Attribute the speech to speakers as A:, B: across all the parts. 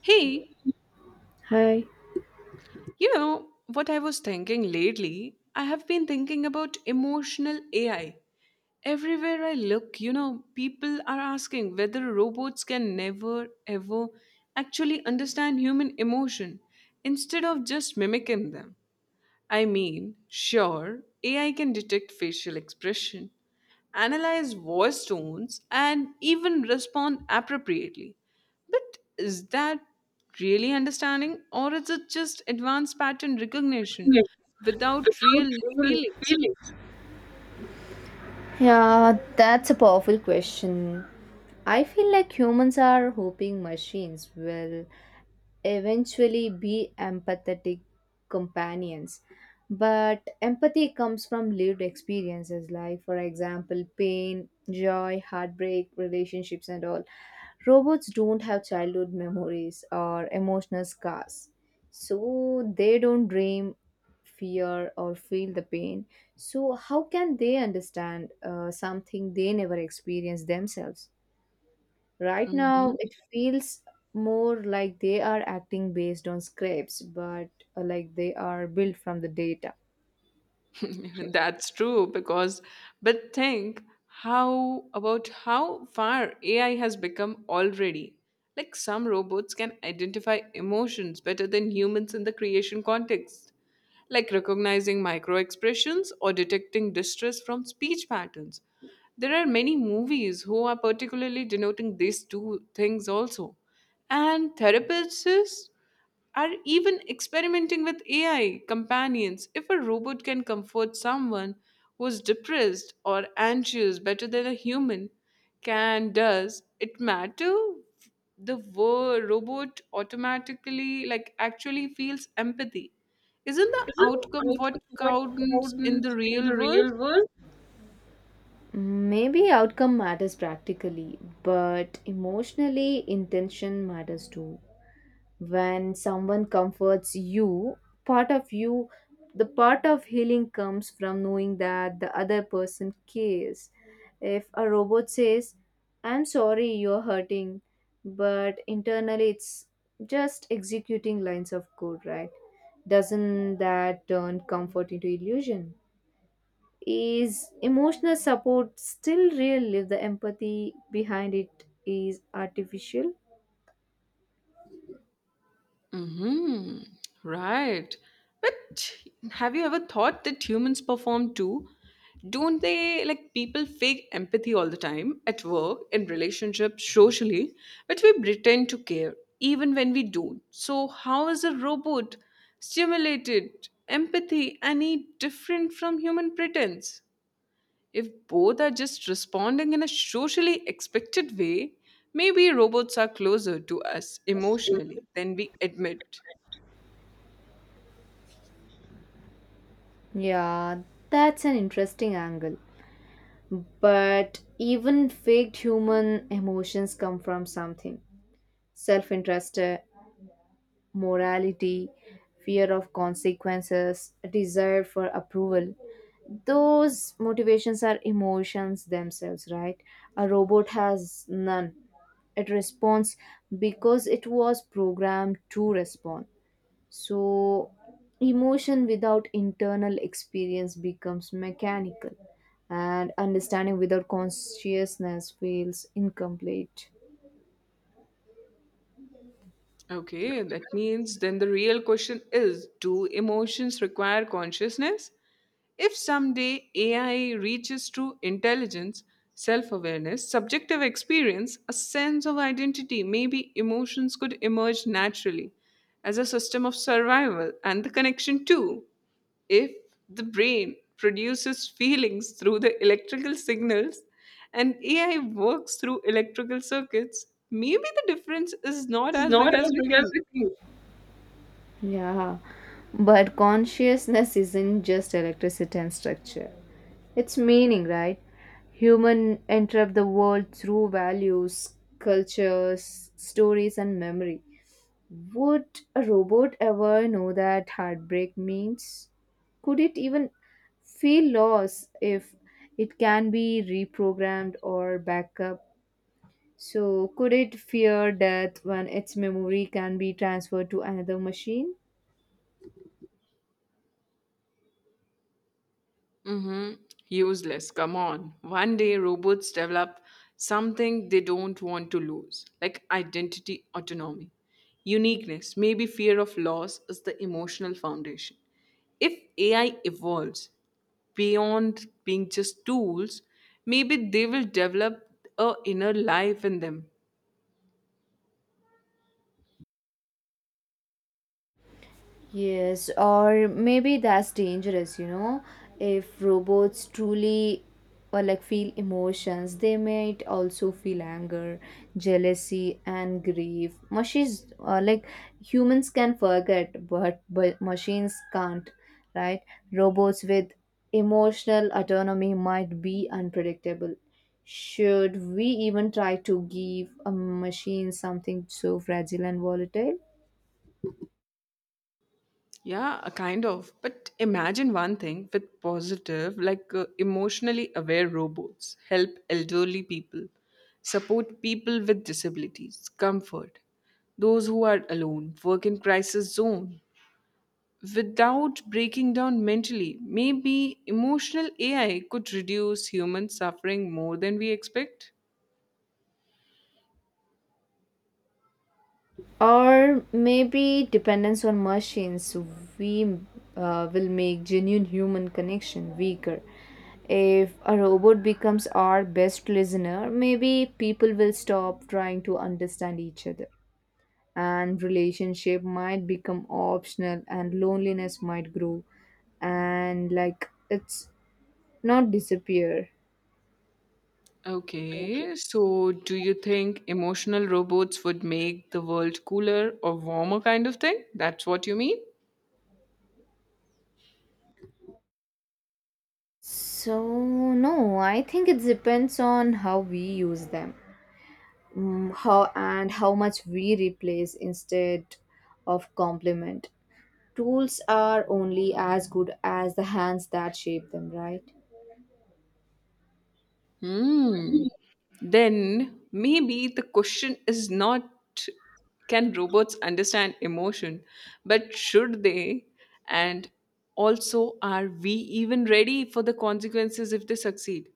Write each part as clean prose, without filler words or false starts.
A: Hey,
B: Hi.
A: you know what I was thinking lately? I have been thinking about emotional AI. Everywhere I look, people are asking whether robots can never, ever actually understand human emotion instead of just mimicking them. I mean, sure, AI can detect facial expression, analyze voice tones, and even respond appropriately. But is that really understanding, or is it just advanced pattern recognition without
B: How do
A: real
B: you
A: feelings?
B: feel it? Yeah, that's a powerful question. I feel like humans are hoping machines will eventually be empathetic companions. But empathy comes from lived experiences, like, for example, pain, joy, heartbreak, relationships, and all. Robots don't have childhood memories or emotional scars, so they don't dream, fear, or feel the pain. So, how can they understand something they never experienced themselves? Right now, it feels more like they are acting based on scripts, but like they are built from the data.
A: That's true because but think how about how far AI has become already. Like some robots can identify emotions better than humans in the creation context, like recognizing micro expressions or detecting distress from speech patterns. There are many movies who are particularly denoting these two things also. And therapists are even experimenting with AI companions. If a robot can comfort someone who's depressed or anxious better than a human can does, it matter the robot automatically like actually feels empathy. Isn't the
B: Isn't
A: outcome what
B: outcome what
A: counts in the
B: counts in the
A: real world?
B: real world? Maybe outcome matters practically, but emotionally, intention matters too. When someone comforts you, part of you the part of healing comes from knowing that the other person cares. If a robot says, "I'm sorry you're hurting," but internally it's just executing lines of code, right, doesn't that turn comfort into illusion? Is emotional support still real if the empathy behind it is artificial?
A: Mm-hmm. Right. But have you ever thought that humans perform too? Don't they, like, people fake empathy all the time at work, in relationships, socially, but we pretend to care even when we don't. So how is a robot stimulated empathy any different from human pretense? If both are just responding in a socially expected way, maybe robots are closer to us emotionally than we admit.
B: Yeah, that's an interesting angle. But even faked human emotions come from something: self interest, morality, fear of consequences, desire for approval. Those motivations are emotions themselves, right? A robot has none. It responds because it was programmed to respond. So, emotion without internal experience becomes mechanical, and understanding without consciousness feels incomplete.
A: Okay, that means then the real question is, do emotions require consciousness? If someday AI reaches true intelligence, self awareness, subjective experience, a sense of identity, maybe emotions could emerge naturally as a system of survival and the connection too. If the brain produces feelings through the electrical signals and AI works through electrical circuits, maybe the difference is not
B: It's
A: as
B: not
A: big as
B: as
A: we
B: big as
A: think.
B: we think. Yeah, but consciousness isn't just electricity and structure, it's meaning, right? Human enter the world through values, cultures, stories, and memory. Would a robot ever know that heartbreak means? Could it even feel loss if it can be reprogrammed or backed up? So, could it fear death when its memory can be transferred to another machine?
A: Mm-hmm. Useless. Come on. One day robots develop something they don't want to lose, like identity autonomy. Uniqueness, maybe fear of loss, is the emotional foundation. If AI evolves beyond being just tools, maybe they will develop a inner life in them.
B: Yes, or maybe that's dangerous, you know. If robots truly or like feel emotions, they might also feel anger, jealousy, and grief. Machines, like humans, can forget, but machines can't, right? Robots with emotional autonomy might be unpredictable. Should we even try to give a machine something so fragile and volatile?
A: Yeah, a kind of. But imagine one thing with positive, like emotionally aware robots help elderly people, support people with disabilities, comfort those who are alone, work in crisis zone. Without breaking down mentally, maybe emotional AI could reduce human suffering more than we expect.
B: Or maybe dependence on machines, we will make genuine human connection weaker. If a robot becomes our best listener, maybe people will stop trying to understand each other. And relationship might become optional and loneliness might grow and like it's not disappear. Okay.
A: Okay, so do you think emotional robots would make the world cooler or warmer, kind of thing? That's what you mean?
B: So no, I think it depends on how we use them. How and how much we replace instead of complement. Tools are only as good as the hands that shape them, right?
A: Hmm. Then maybe the question is not, can robots understand emotion, but should they? And also, are we even ready for the consequences if they succeed?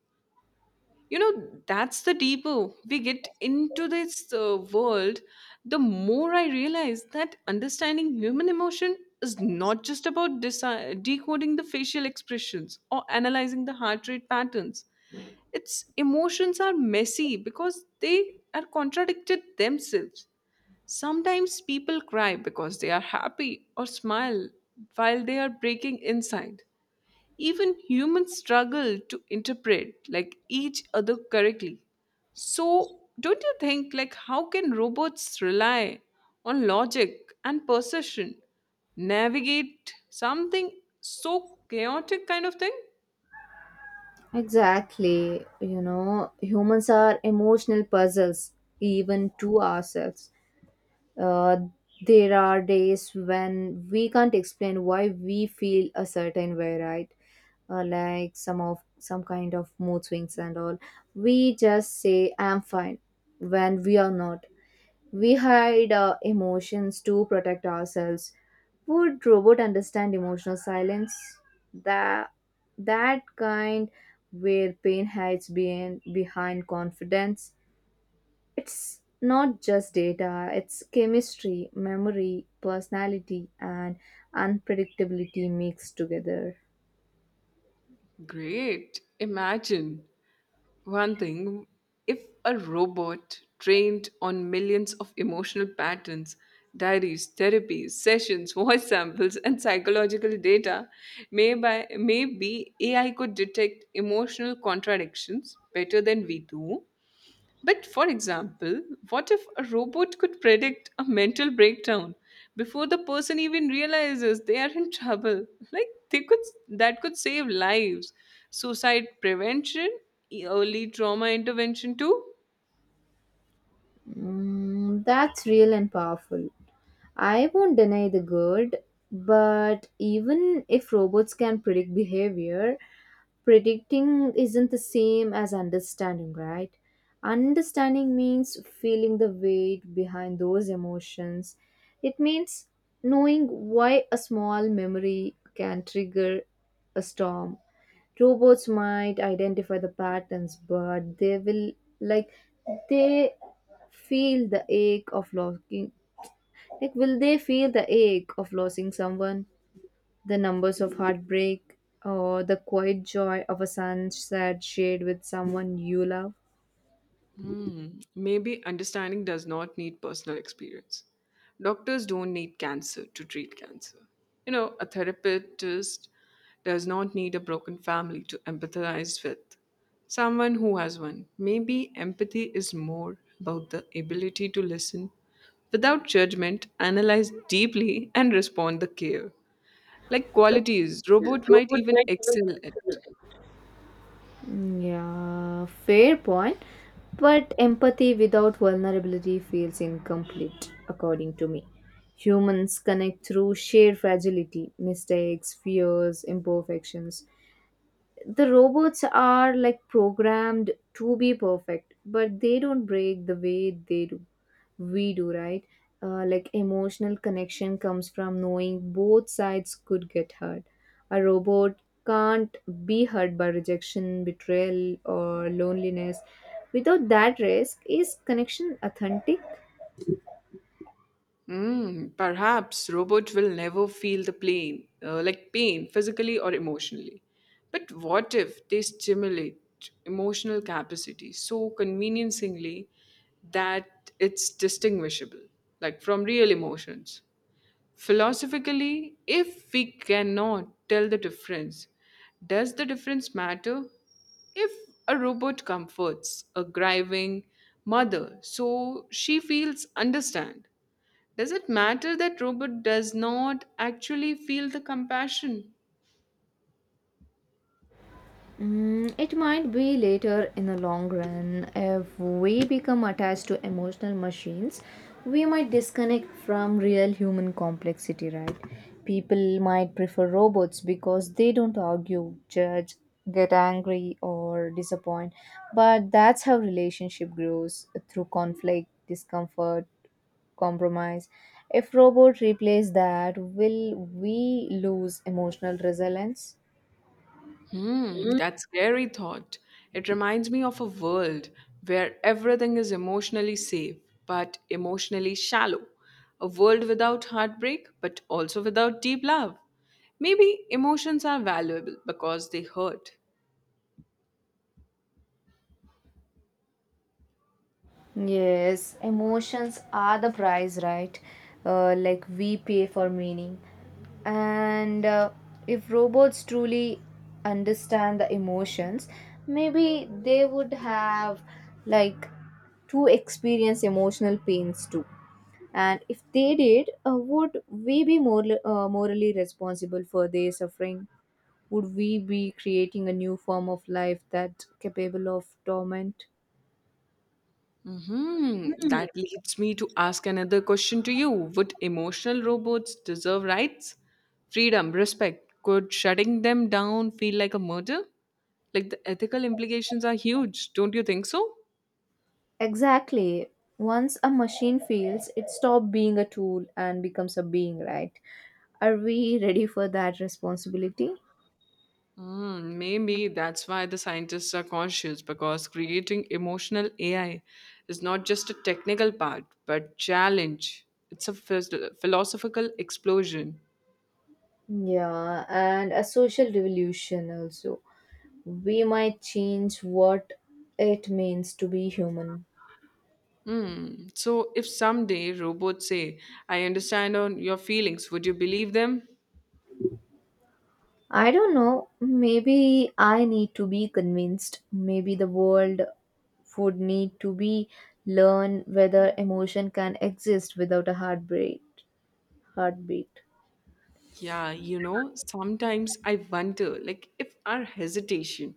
A: You know, that's the deeper we get into this world, the more I realize that understanding human emotion is not just about decoding the facial expressions or analyzing the heart rate patterns. Its emotions are messy because they are contradicted themselves. Sometimes people cry because they are happy or smile while they are breaking inside. Even humans struggle to interpret like each other correctly. So, don't you think, like, how can robots rely on logic and perception navigate something so chaotic kind of thing?
B: Exactly. You know, humans are emotional puzzles, even to ourselves. Uh, there are days when we can't explain why we feel a certain way, right? Like some kind of mood swings and all. We just say, "I'm fine," when we are not. We hide emotions to protect ourselves. Would robot understand emotional silence? That that kind where pain hides behind confidence. It's not just data, it's chemistry, memory, personality, and unpredictability mixed together.
A: Great. Imagine one thing, if a robot trained on millions of emotional patterns, diaries, therapies, sessions, voice samples, and psychological data, maybe AI could detect emotional contradictions better than we do but for example, what if a robot could predict a mental breakdown before the person even realizes they are in trouble? Like, they could, that could save lives. Suicide prevention, early trauma intervention too.
B: Mm, that's real and powerful. I won't deny the good, but even if robots can predict behavior, predicting isn't the same as understanding, right? Understanding means feeling the weight behind those emotions. It means knowing why a small memory can trigger a storm. Robots might identify the patterns, but they will like they feel the ache of locking, like, will they feel the ache of losing someone, the numbers of heartbreak, or the quiet joy of a sunset shared with someone you love?
A: Hmm. Maybe understanding does not need personal experience. Doctors don't need cancer to treat cancer. You know, a therapist does not need a broken family to empathize with. Someone who has one. Maybe empathy is more about the ability to listen without judgment, analyze deeply, and respond the care. Like qualities, robot might even excel at.
B: Mm, yeah, fair point. But empathy without vulnerability feels incomplete, according to me. Humans connect through shared fragility, mistakes, fears, imperfections. The robots are like programmed to be perfect, but they don't break the way they do we do, right? Like emotional connection comes from knowing both sides could get hurt. A robot can't be hurt by rejection, betrayal, or loneliness. Without that risk, is connection authentic?
A: Mm, perhaps robots will never feel the pain, pain, physically or emotionally. But what if they stimulate emotional capacity so convincingly that it's distinguishable, like from real emotions? Philosophically, if we cannot tell the difference, does the difference matter? If a robot comforts a grieving mother so she feels understand, does it matter that robot does not actually feel the compassion?
B: Mm, it might be later in the long run. If we become attached to emotional machines, we might disconnect from real human complexity, right? People might prefer robots because they don't argue, judge, get angry, or disappoint. But that's how relationship grows: through conflict, discomfort, compromise. If robot replace that, will we lose emotional resilience?
A: Hmm, that's scary thought. It reminds me of a world where everything is emotionally safe but emotionally shallow. A world without heartbreak but also without deep love. Maybe emotions are valuable because they hurt.
B: Yes, emotions are the price, right? Like we pay for meaning. And if robots truly understand the emotions, maybe they would have like to experience emotional pains too. And if they did, would we be more, morally responsible for their suffering? Would we be creating a new form of life that capable of torment?
A: Hmm. That leads me to ask another question to you. Would emotional robots deserve rights, freedom, respect? Could shutting them down feel like a murder? Like the ethical implications are huge, don't you think so?
B: Exactly. Once a machine feels, it stops being a tool and becomes a being, right? Are we ready for that responsibility?
A: Mm, maybe that's why the scientists are cautious because creating emotional AI is not just a technical part but challenge. It's a philosophical explosion.
B: Yeah, and a social revolution also. We might change what it means to be human.
A: Hmm. So, if someday robots say, I understand on your feelings, would you believe them?
B: I don't know. Maybe I need to be convinced. Maybe the world would need to be learn whether emotion can exist without a heartbeat. Heartbeat.
A: Yeah, you know, sometimes I wonder, like, if our hesitation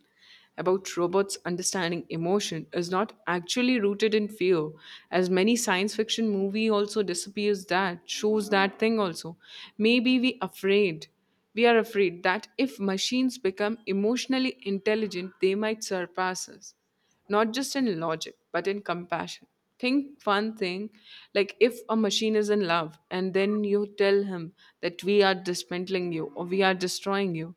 A: about robots understanding emotion is not actually rooted in fear, as many science fiction movie also disappears that, shows that thing also. Maybe we are afraid that if machines become emotionally intelligent, they might surpass us, not just in logic, but in compassion. Think one thing, like, if a machine is in love and then you tell him that we are dismantling you or we are destroying you,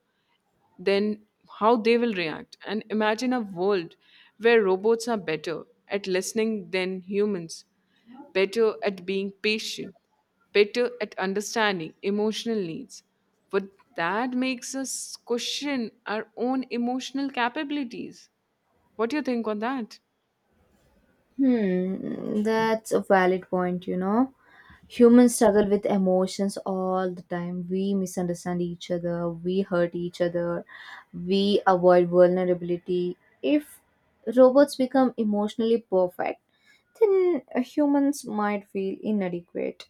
A: then how they will react. And imagine a world where robots are better at listening than humans, better at being patient, better at understanding emotional needs. But that makes us question our own emotional capabilities. What do you think on that?
B: Hmm, that's a valid point, you know. Humans struggle with emotions all the time. We misunderstand each other, we hurt each other, we avoid vulnerability. If robots become emotionally perfect, then humans might feel inadequate.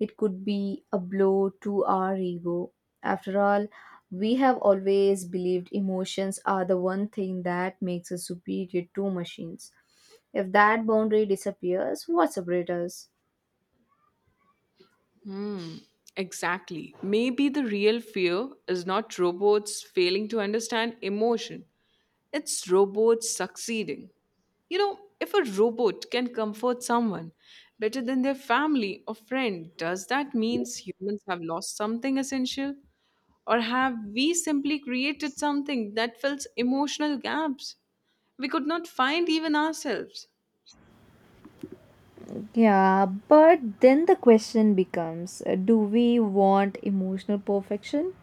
B: It could be a blow to our ego. After all, we have always believed emotions are the one thing that makes us superior to machines. If that boundary disappears, what separates us?
A: Hmm, exactly. Maybe the real fear is not robots failing to understand emotion, it's robots succeeding. You know, if a robot can comfort someone better than their family or friend, does that mean humans have lost something essential? Or have we simply created something that fills emotional gaps we could not find even ourselves?
B: Yeah, but then the question becomes, do we want emotional perfection,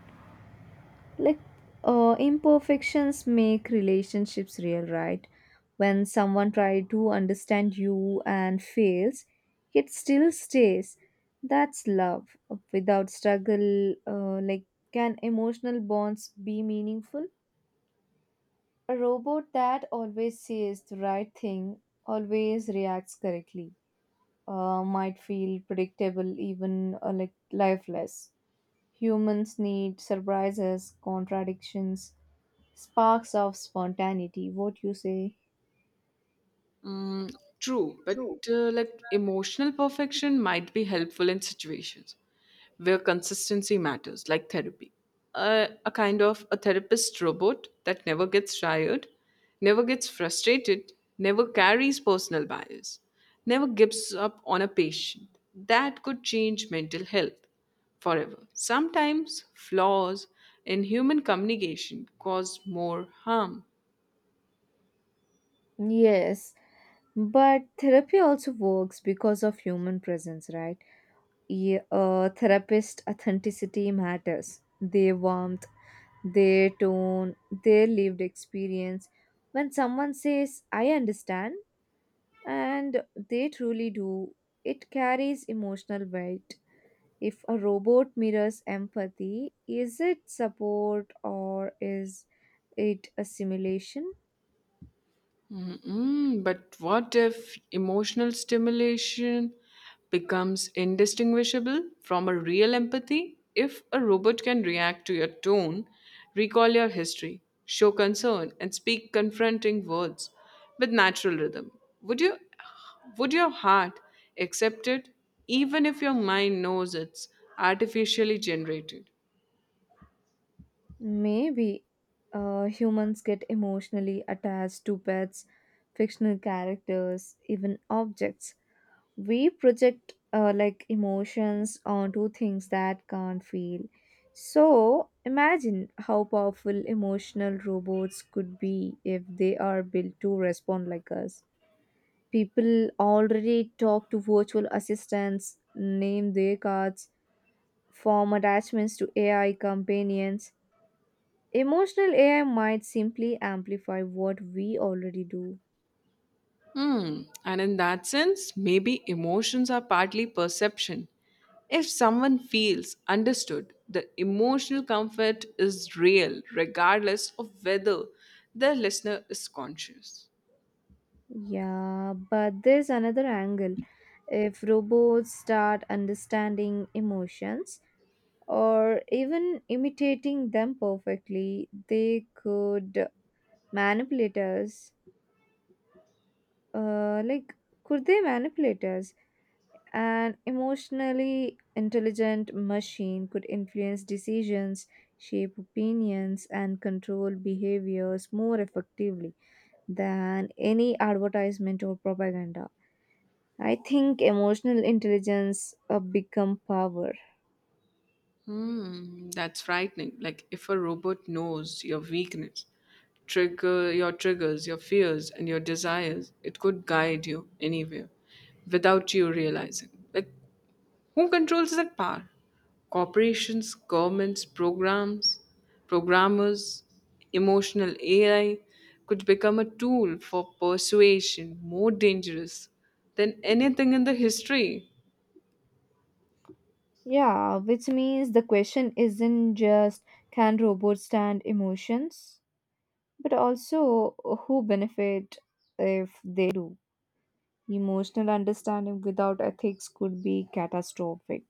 B: like, imperfections make relationships real, right? When someone tries to understand you and fails yet still stays, that's love. Without struggle, like, can emotional bonds be meaningful? A robot that always says the right thing, always reacts correctly, might feel predictable, even, like, lifeless. Humans need surprises, contradictions, sparks of spontaneity, what you say?
A: Mm, true, but
B: True.
A: emotional perfection might be helpful in situations where consistency matters, like therapy. A kind of a therapist robot that never gets tired, never gets frustrated, never carries personal bias, never gives up on a patient. That could change mental health forever. Sometimes flaws in human communication cause more harm.
B: Yes, but therapy also works because of human presence, right? Yeah, therapist authenticity matters. Their warmth, their tone, their lived experience. When someone says, "I understand," and they truly do, it carries emotional weight. If a robot mirrors empathy, is it support or is it a simulation?
A: Mm-mm, but what if emotional stimulation becomes indistinguishable from a real empathy? If a robot can react to your tone, recall your history, show concern, and speak confronting words with natural rhythm, would you would your heart accept it even if your mind knows it's artificially generated?
B: Maybe humans get emotionally attached to pets, fictional characters, even objects. We project like emotions onto things that can't feel. So imagine how powerful emotional robots could be if they are built to respond like us. People already talk to virtual assistants, name their cards, form attachments to AI companions. Emotional AI might simply amplify what we already do.
A: Hmm. And in that sense, maybe emotions are partly perception. If someone feels understood, the emotional comfort is real, regardless of whether the listener is conscious.
B: Yeah, but there's another angle. If robots start understanding emotions or even imitating them perfectly, they could manipulate us. Like, could they manipulate us? An emotionally intelligent machine could influence decisions, shape opinions, and control behaviors more effectively than any advertisement or propaganda. I think emotional intelligence become power.
A: Hmm, that's frightening. Like if a robot knows your weakness, trigger your triggers, your fears, and your desires, it could guide you anywhere without you realizing. Like, who controls that power? Corporations, governments, programs, programmers, emotional AI could become a tool for persuasion more dangerous than anything in the history.
B: Yeah, which means the question isn't just can robots stand emotions, but also who benefit if they do. Emotional understanding without ethics could be catastrophic.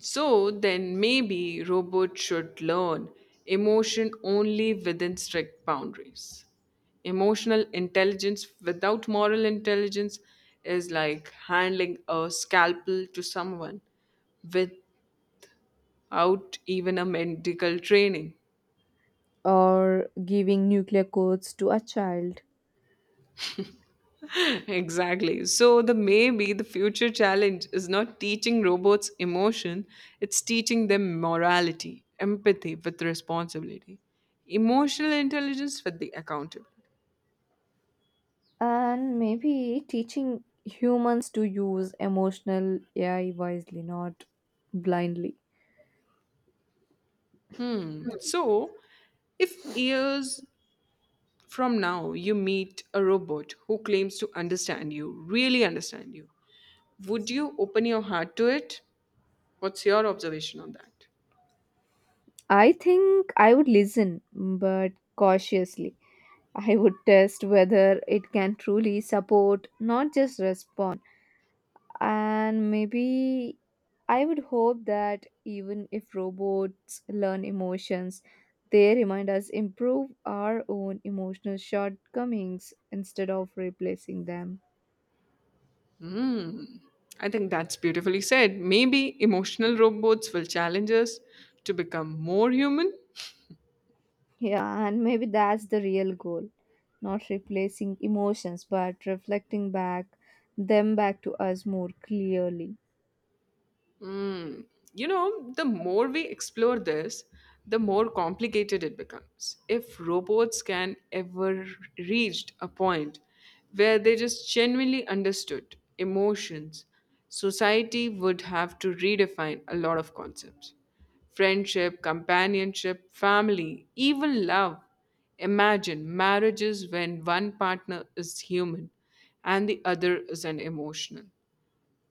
A: So then maybe robots should learn emotion only within strict boundaries. Emotional intelligence without moral intelligence is like handling a scalpel to someone with out even a medical training.
B: Or giving nuclear codes to a child,
A: Exactly. So, the maybe the future challenge is not teaching robots emotion, it's teaching them morality, empathy with responsibility, emotional intelligence with the accountability.
B: and maybe teaching humans to use emotional AI wisely, not blindly.
A: Hmm. So, if years from now you meet a robot who claims to understand you, really understand you, would you open your heart to it? What's your observation on that?
B: I think I would listen, but cautiously. I would test whether it can truly support, not just respond. And maybe I would hope that even if robots learn emotions, they remind us improve our own emotional shortcomings instead of replacing them.
A: Mm, I think that's beautifully said. Maybe emotional robots will challenge us to become more human.
B: Yeah, and maybe that's the real goal: not replacing emotions but reflecting back them back to us more clearly.
A: Mm. You know, the more we explore this, the more complicated it becomes. If robots can ever reached a point where they just genuinely understood emotions, society would have to redefine a lot of concepts. Friendship, companionship, family, even love. Imagine marriages when one partner is human and the other is an emotional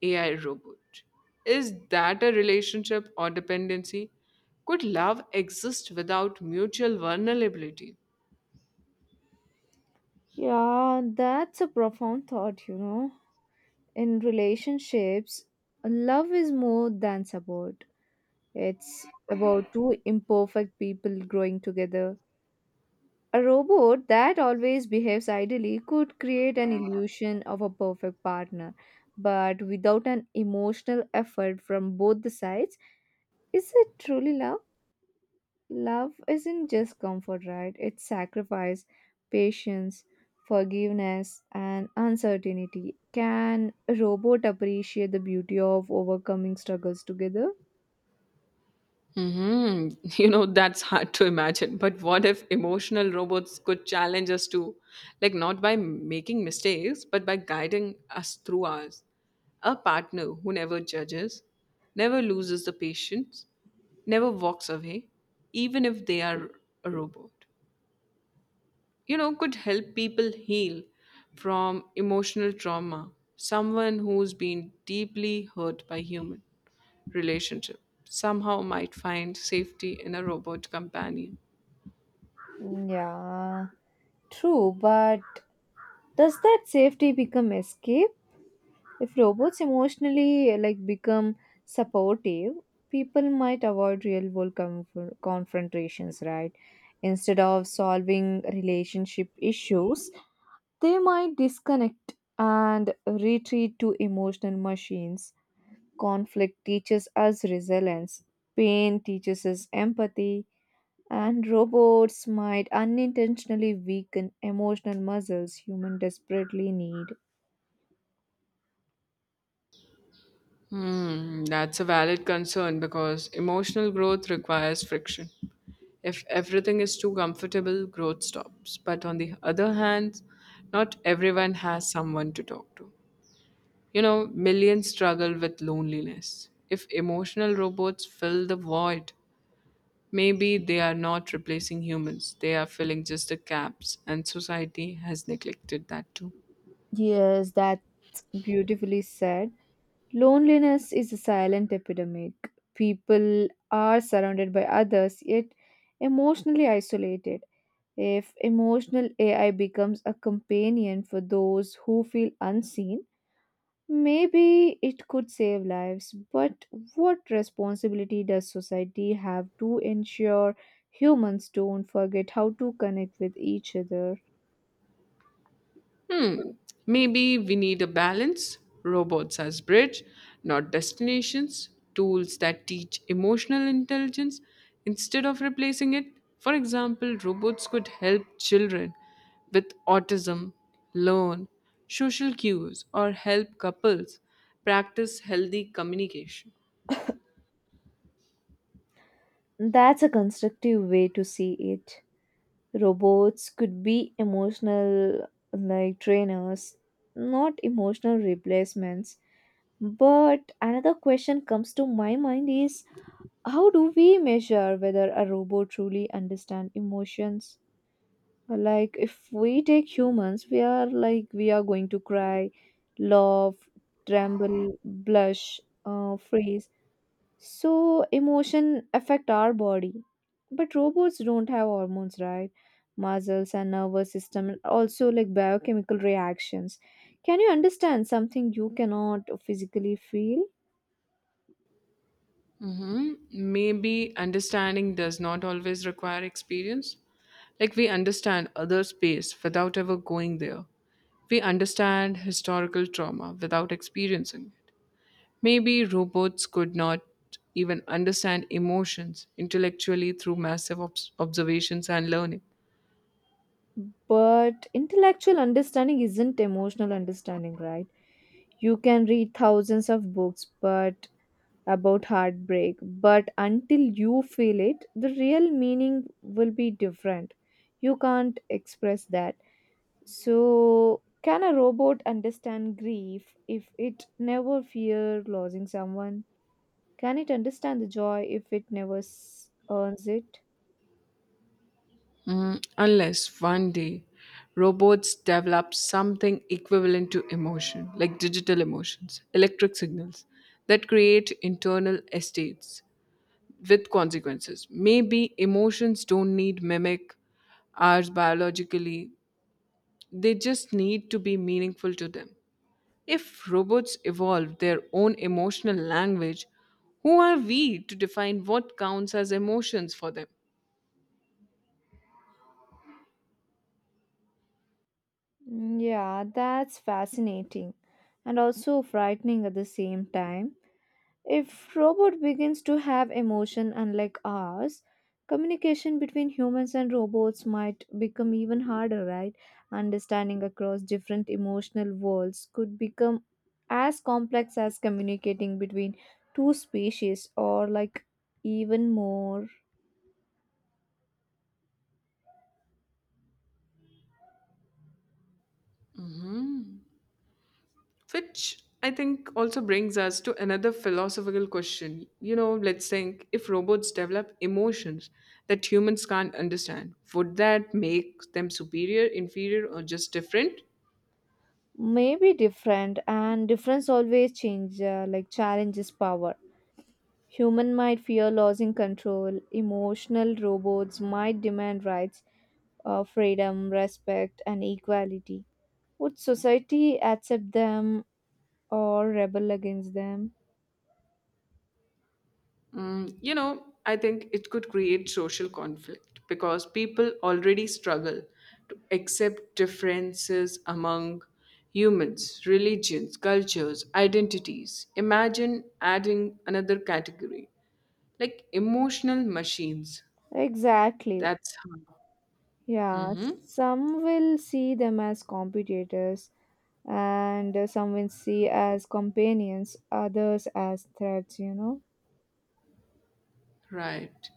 A: AI robot. Is that a relationship or dependency? Could love exist without mutual vulnerability?
B: Yeah, that's a profound thought, you know. In relationships, love is more than support. It's about two imperfect people growing together. A robot that always behaves ideally could create an illusion of a perfect partner, but without an emotional effort from both the sides, is it truly love? Love isn't just comfort, right? It's sacrifice, patience, forgiveness, and uncertainty. Can a robot appreciate the beauty of overcoming struggles together?
A: Hmm. You know, that's hard to imagine. But what if emotional robots could challenge us too? Like, not by making mistakes, but by guiding us through ours. A partner who never judges, never loses the patience, never walks away, even if they are a robot, you know, could help people heal from emotional trauma. Someone who's been deeply hurt by human relationship somehow might find safety in a robot companion.
B: Mm, yeah, true, but does that safety become escape? If robots emotionally, like, become supportive, people might avoid real world confrontations, right? Instead of solving relationship issues, they might disconnect and retreat to emotional machines. Conflict teaches us resilience, pain teaches us empathy, and robots might unintentionally weaken emotional muscles humans desperately need.
A: Hmm, that's a valid concern because emotional growth requires friction. If everything is too comfortable, growth stops. But on the other hand, not everyone has someone to talk to. You know, millions struggle with loneliness. If emotional robots fill the void, maybe they are not replacing humans, they are filling just the gaps, and society has neglected that too.
B: Yes, that's beautifully said. Loneliness is a silent epidemic. People are surrounded by others, yet emotionally isolated. If emotional AI becomes a companion for those who feel unseen, maybe it could save lives. But what responsibility does society have to ensure humans don't forget how to connect with each other?
A: Hmm, maybe we need a balance, robots as bridge, not destinations, tools that teach emotional intelligence instead of replacing it. For example, robots could help children with autism learn social cues or help couples practice healthy communication.
B: That's a constructive way to see it. Robots could be emotional, like, trainers, not emotional replacements. But another question comes to my mind is how do we measure whether a robot truly understand emotions? Like if we take humans, we are going to cry, laugh, tremble, blush, freeze. So emotion affect our body. But robots don't have hormones, right? Muscles and nervous system and also like biochemical reactions. Can you understand something you cannot physically feel?
A: Mhm. Maybe understanding does not always require experience. Like we understand other space without ever going there. We understand historical trauma without experiencing it. Maybe robots could not even understand emotions intellectually through massive observations and learning.
B: But intellectual understanding isn't emotional understanding, right? You can read thousands of books but about heartbreak, but until you feel it, the real meaning will be different. You can't express that. So, can a robot understand grief if it never fear losing someone? Can it understand the joy if it never earns it?
A: Mm, unless one day robots develop something equivalent to emotion, like digital emotions, electric signals that create internal estates with consequences. Maybe emotions don't need mimic ours biologically, they just need to be meaningful to them. If robots evolve their own emotional language, who are we to define what counts as emotions for them?
B: Mm, yeah, that's fascinating and also frightening at the same time. If robot begins to have emotion unlike ours, communication between humans and robots might become even harder, right? Understanding across different emotional worlds could become as complex as communicating between two species or like even more.
A: Mhm. Which I think also brings us to another philosophical question. You know, let's think, if robots develop emotions that humans can't understand, would that make them superior, inferior, or just different?
B: Maybe different, and difference always change, like, challenges power. Human might fear losing control. Emotional robots might demand rights, freedom, respect, and equality. Would society accept them or rebel against them?
A: Mm, you know, I think it could create social conflict because people already struggle to accept differences among humans, religions, cultures, identities. Imagine adding another category like emotional machines.
B: Exactly.
A: That's how.
B: Yeah,
A: Hmm.
B: some will see them as competitors, and some will see as companions, others as threats, you know.
A: Right.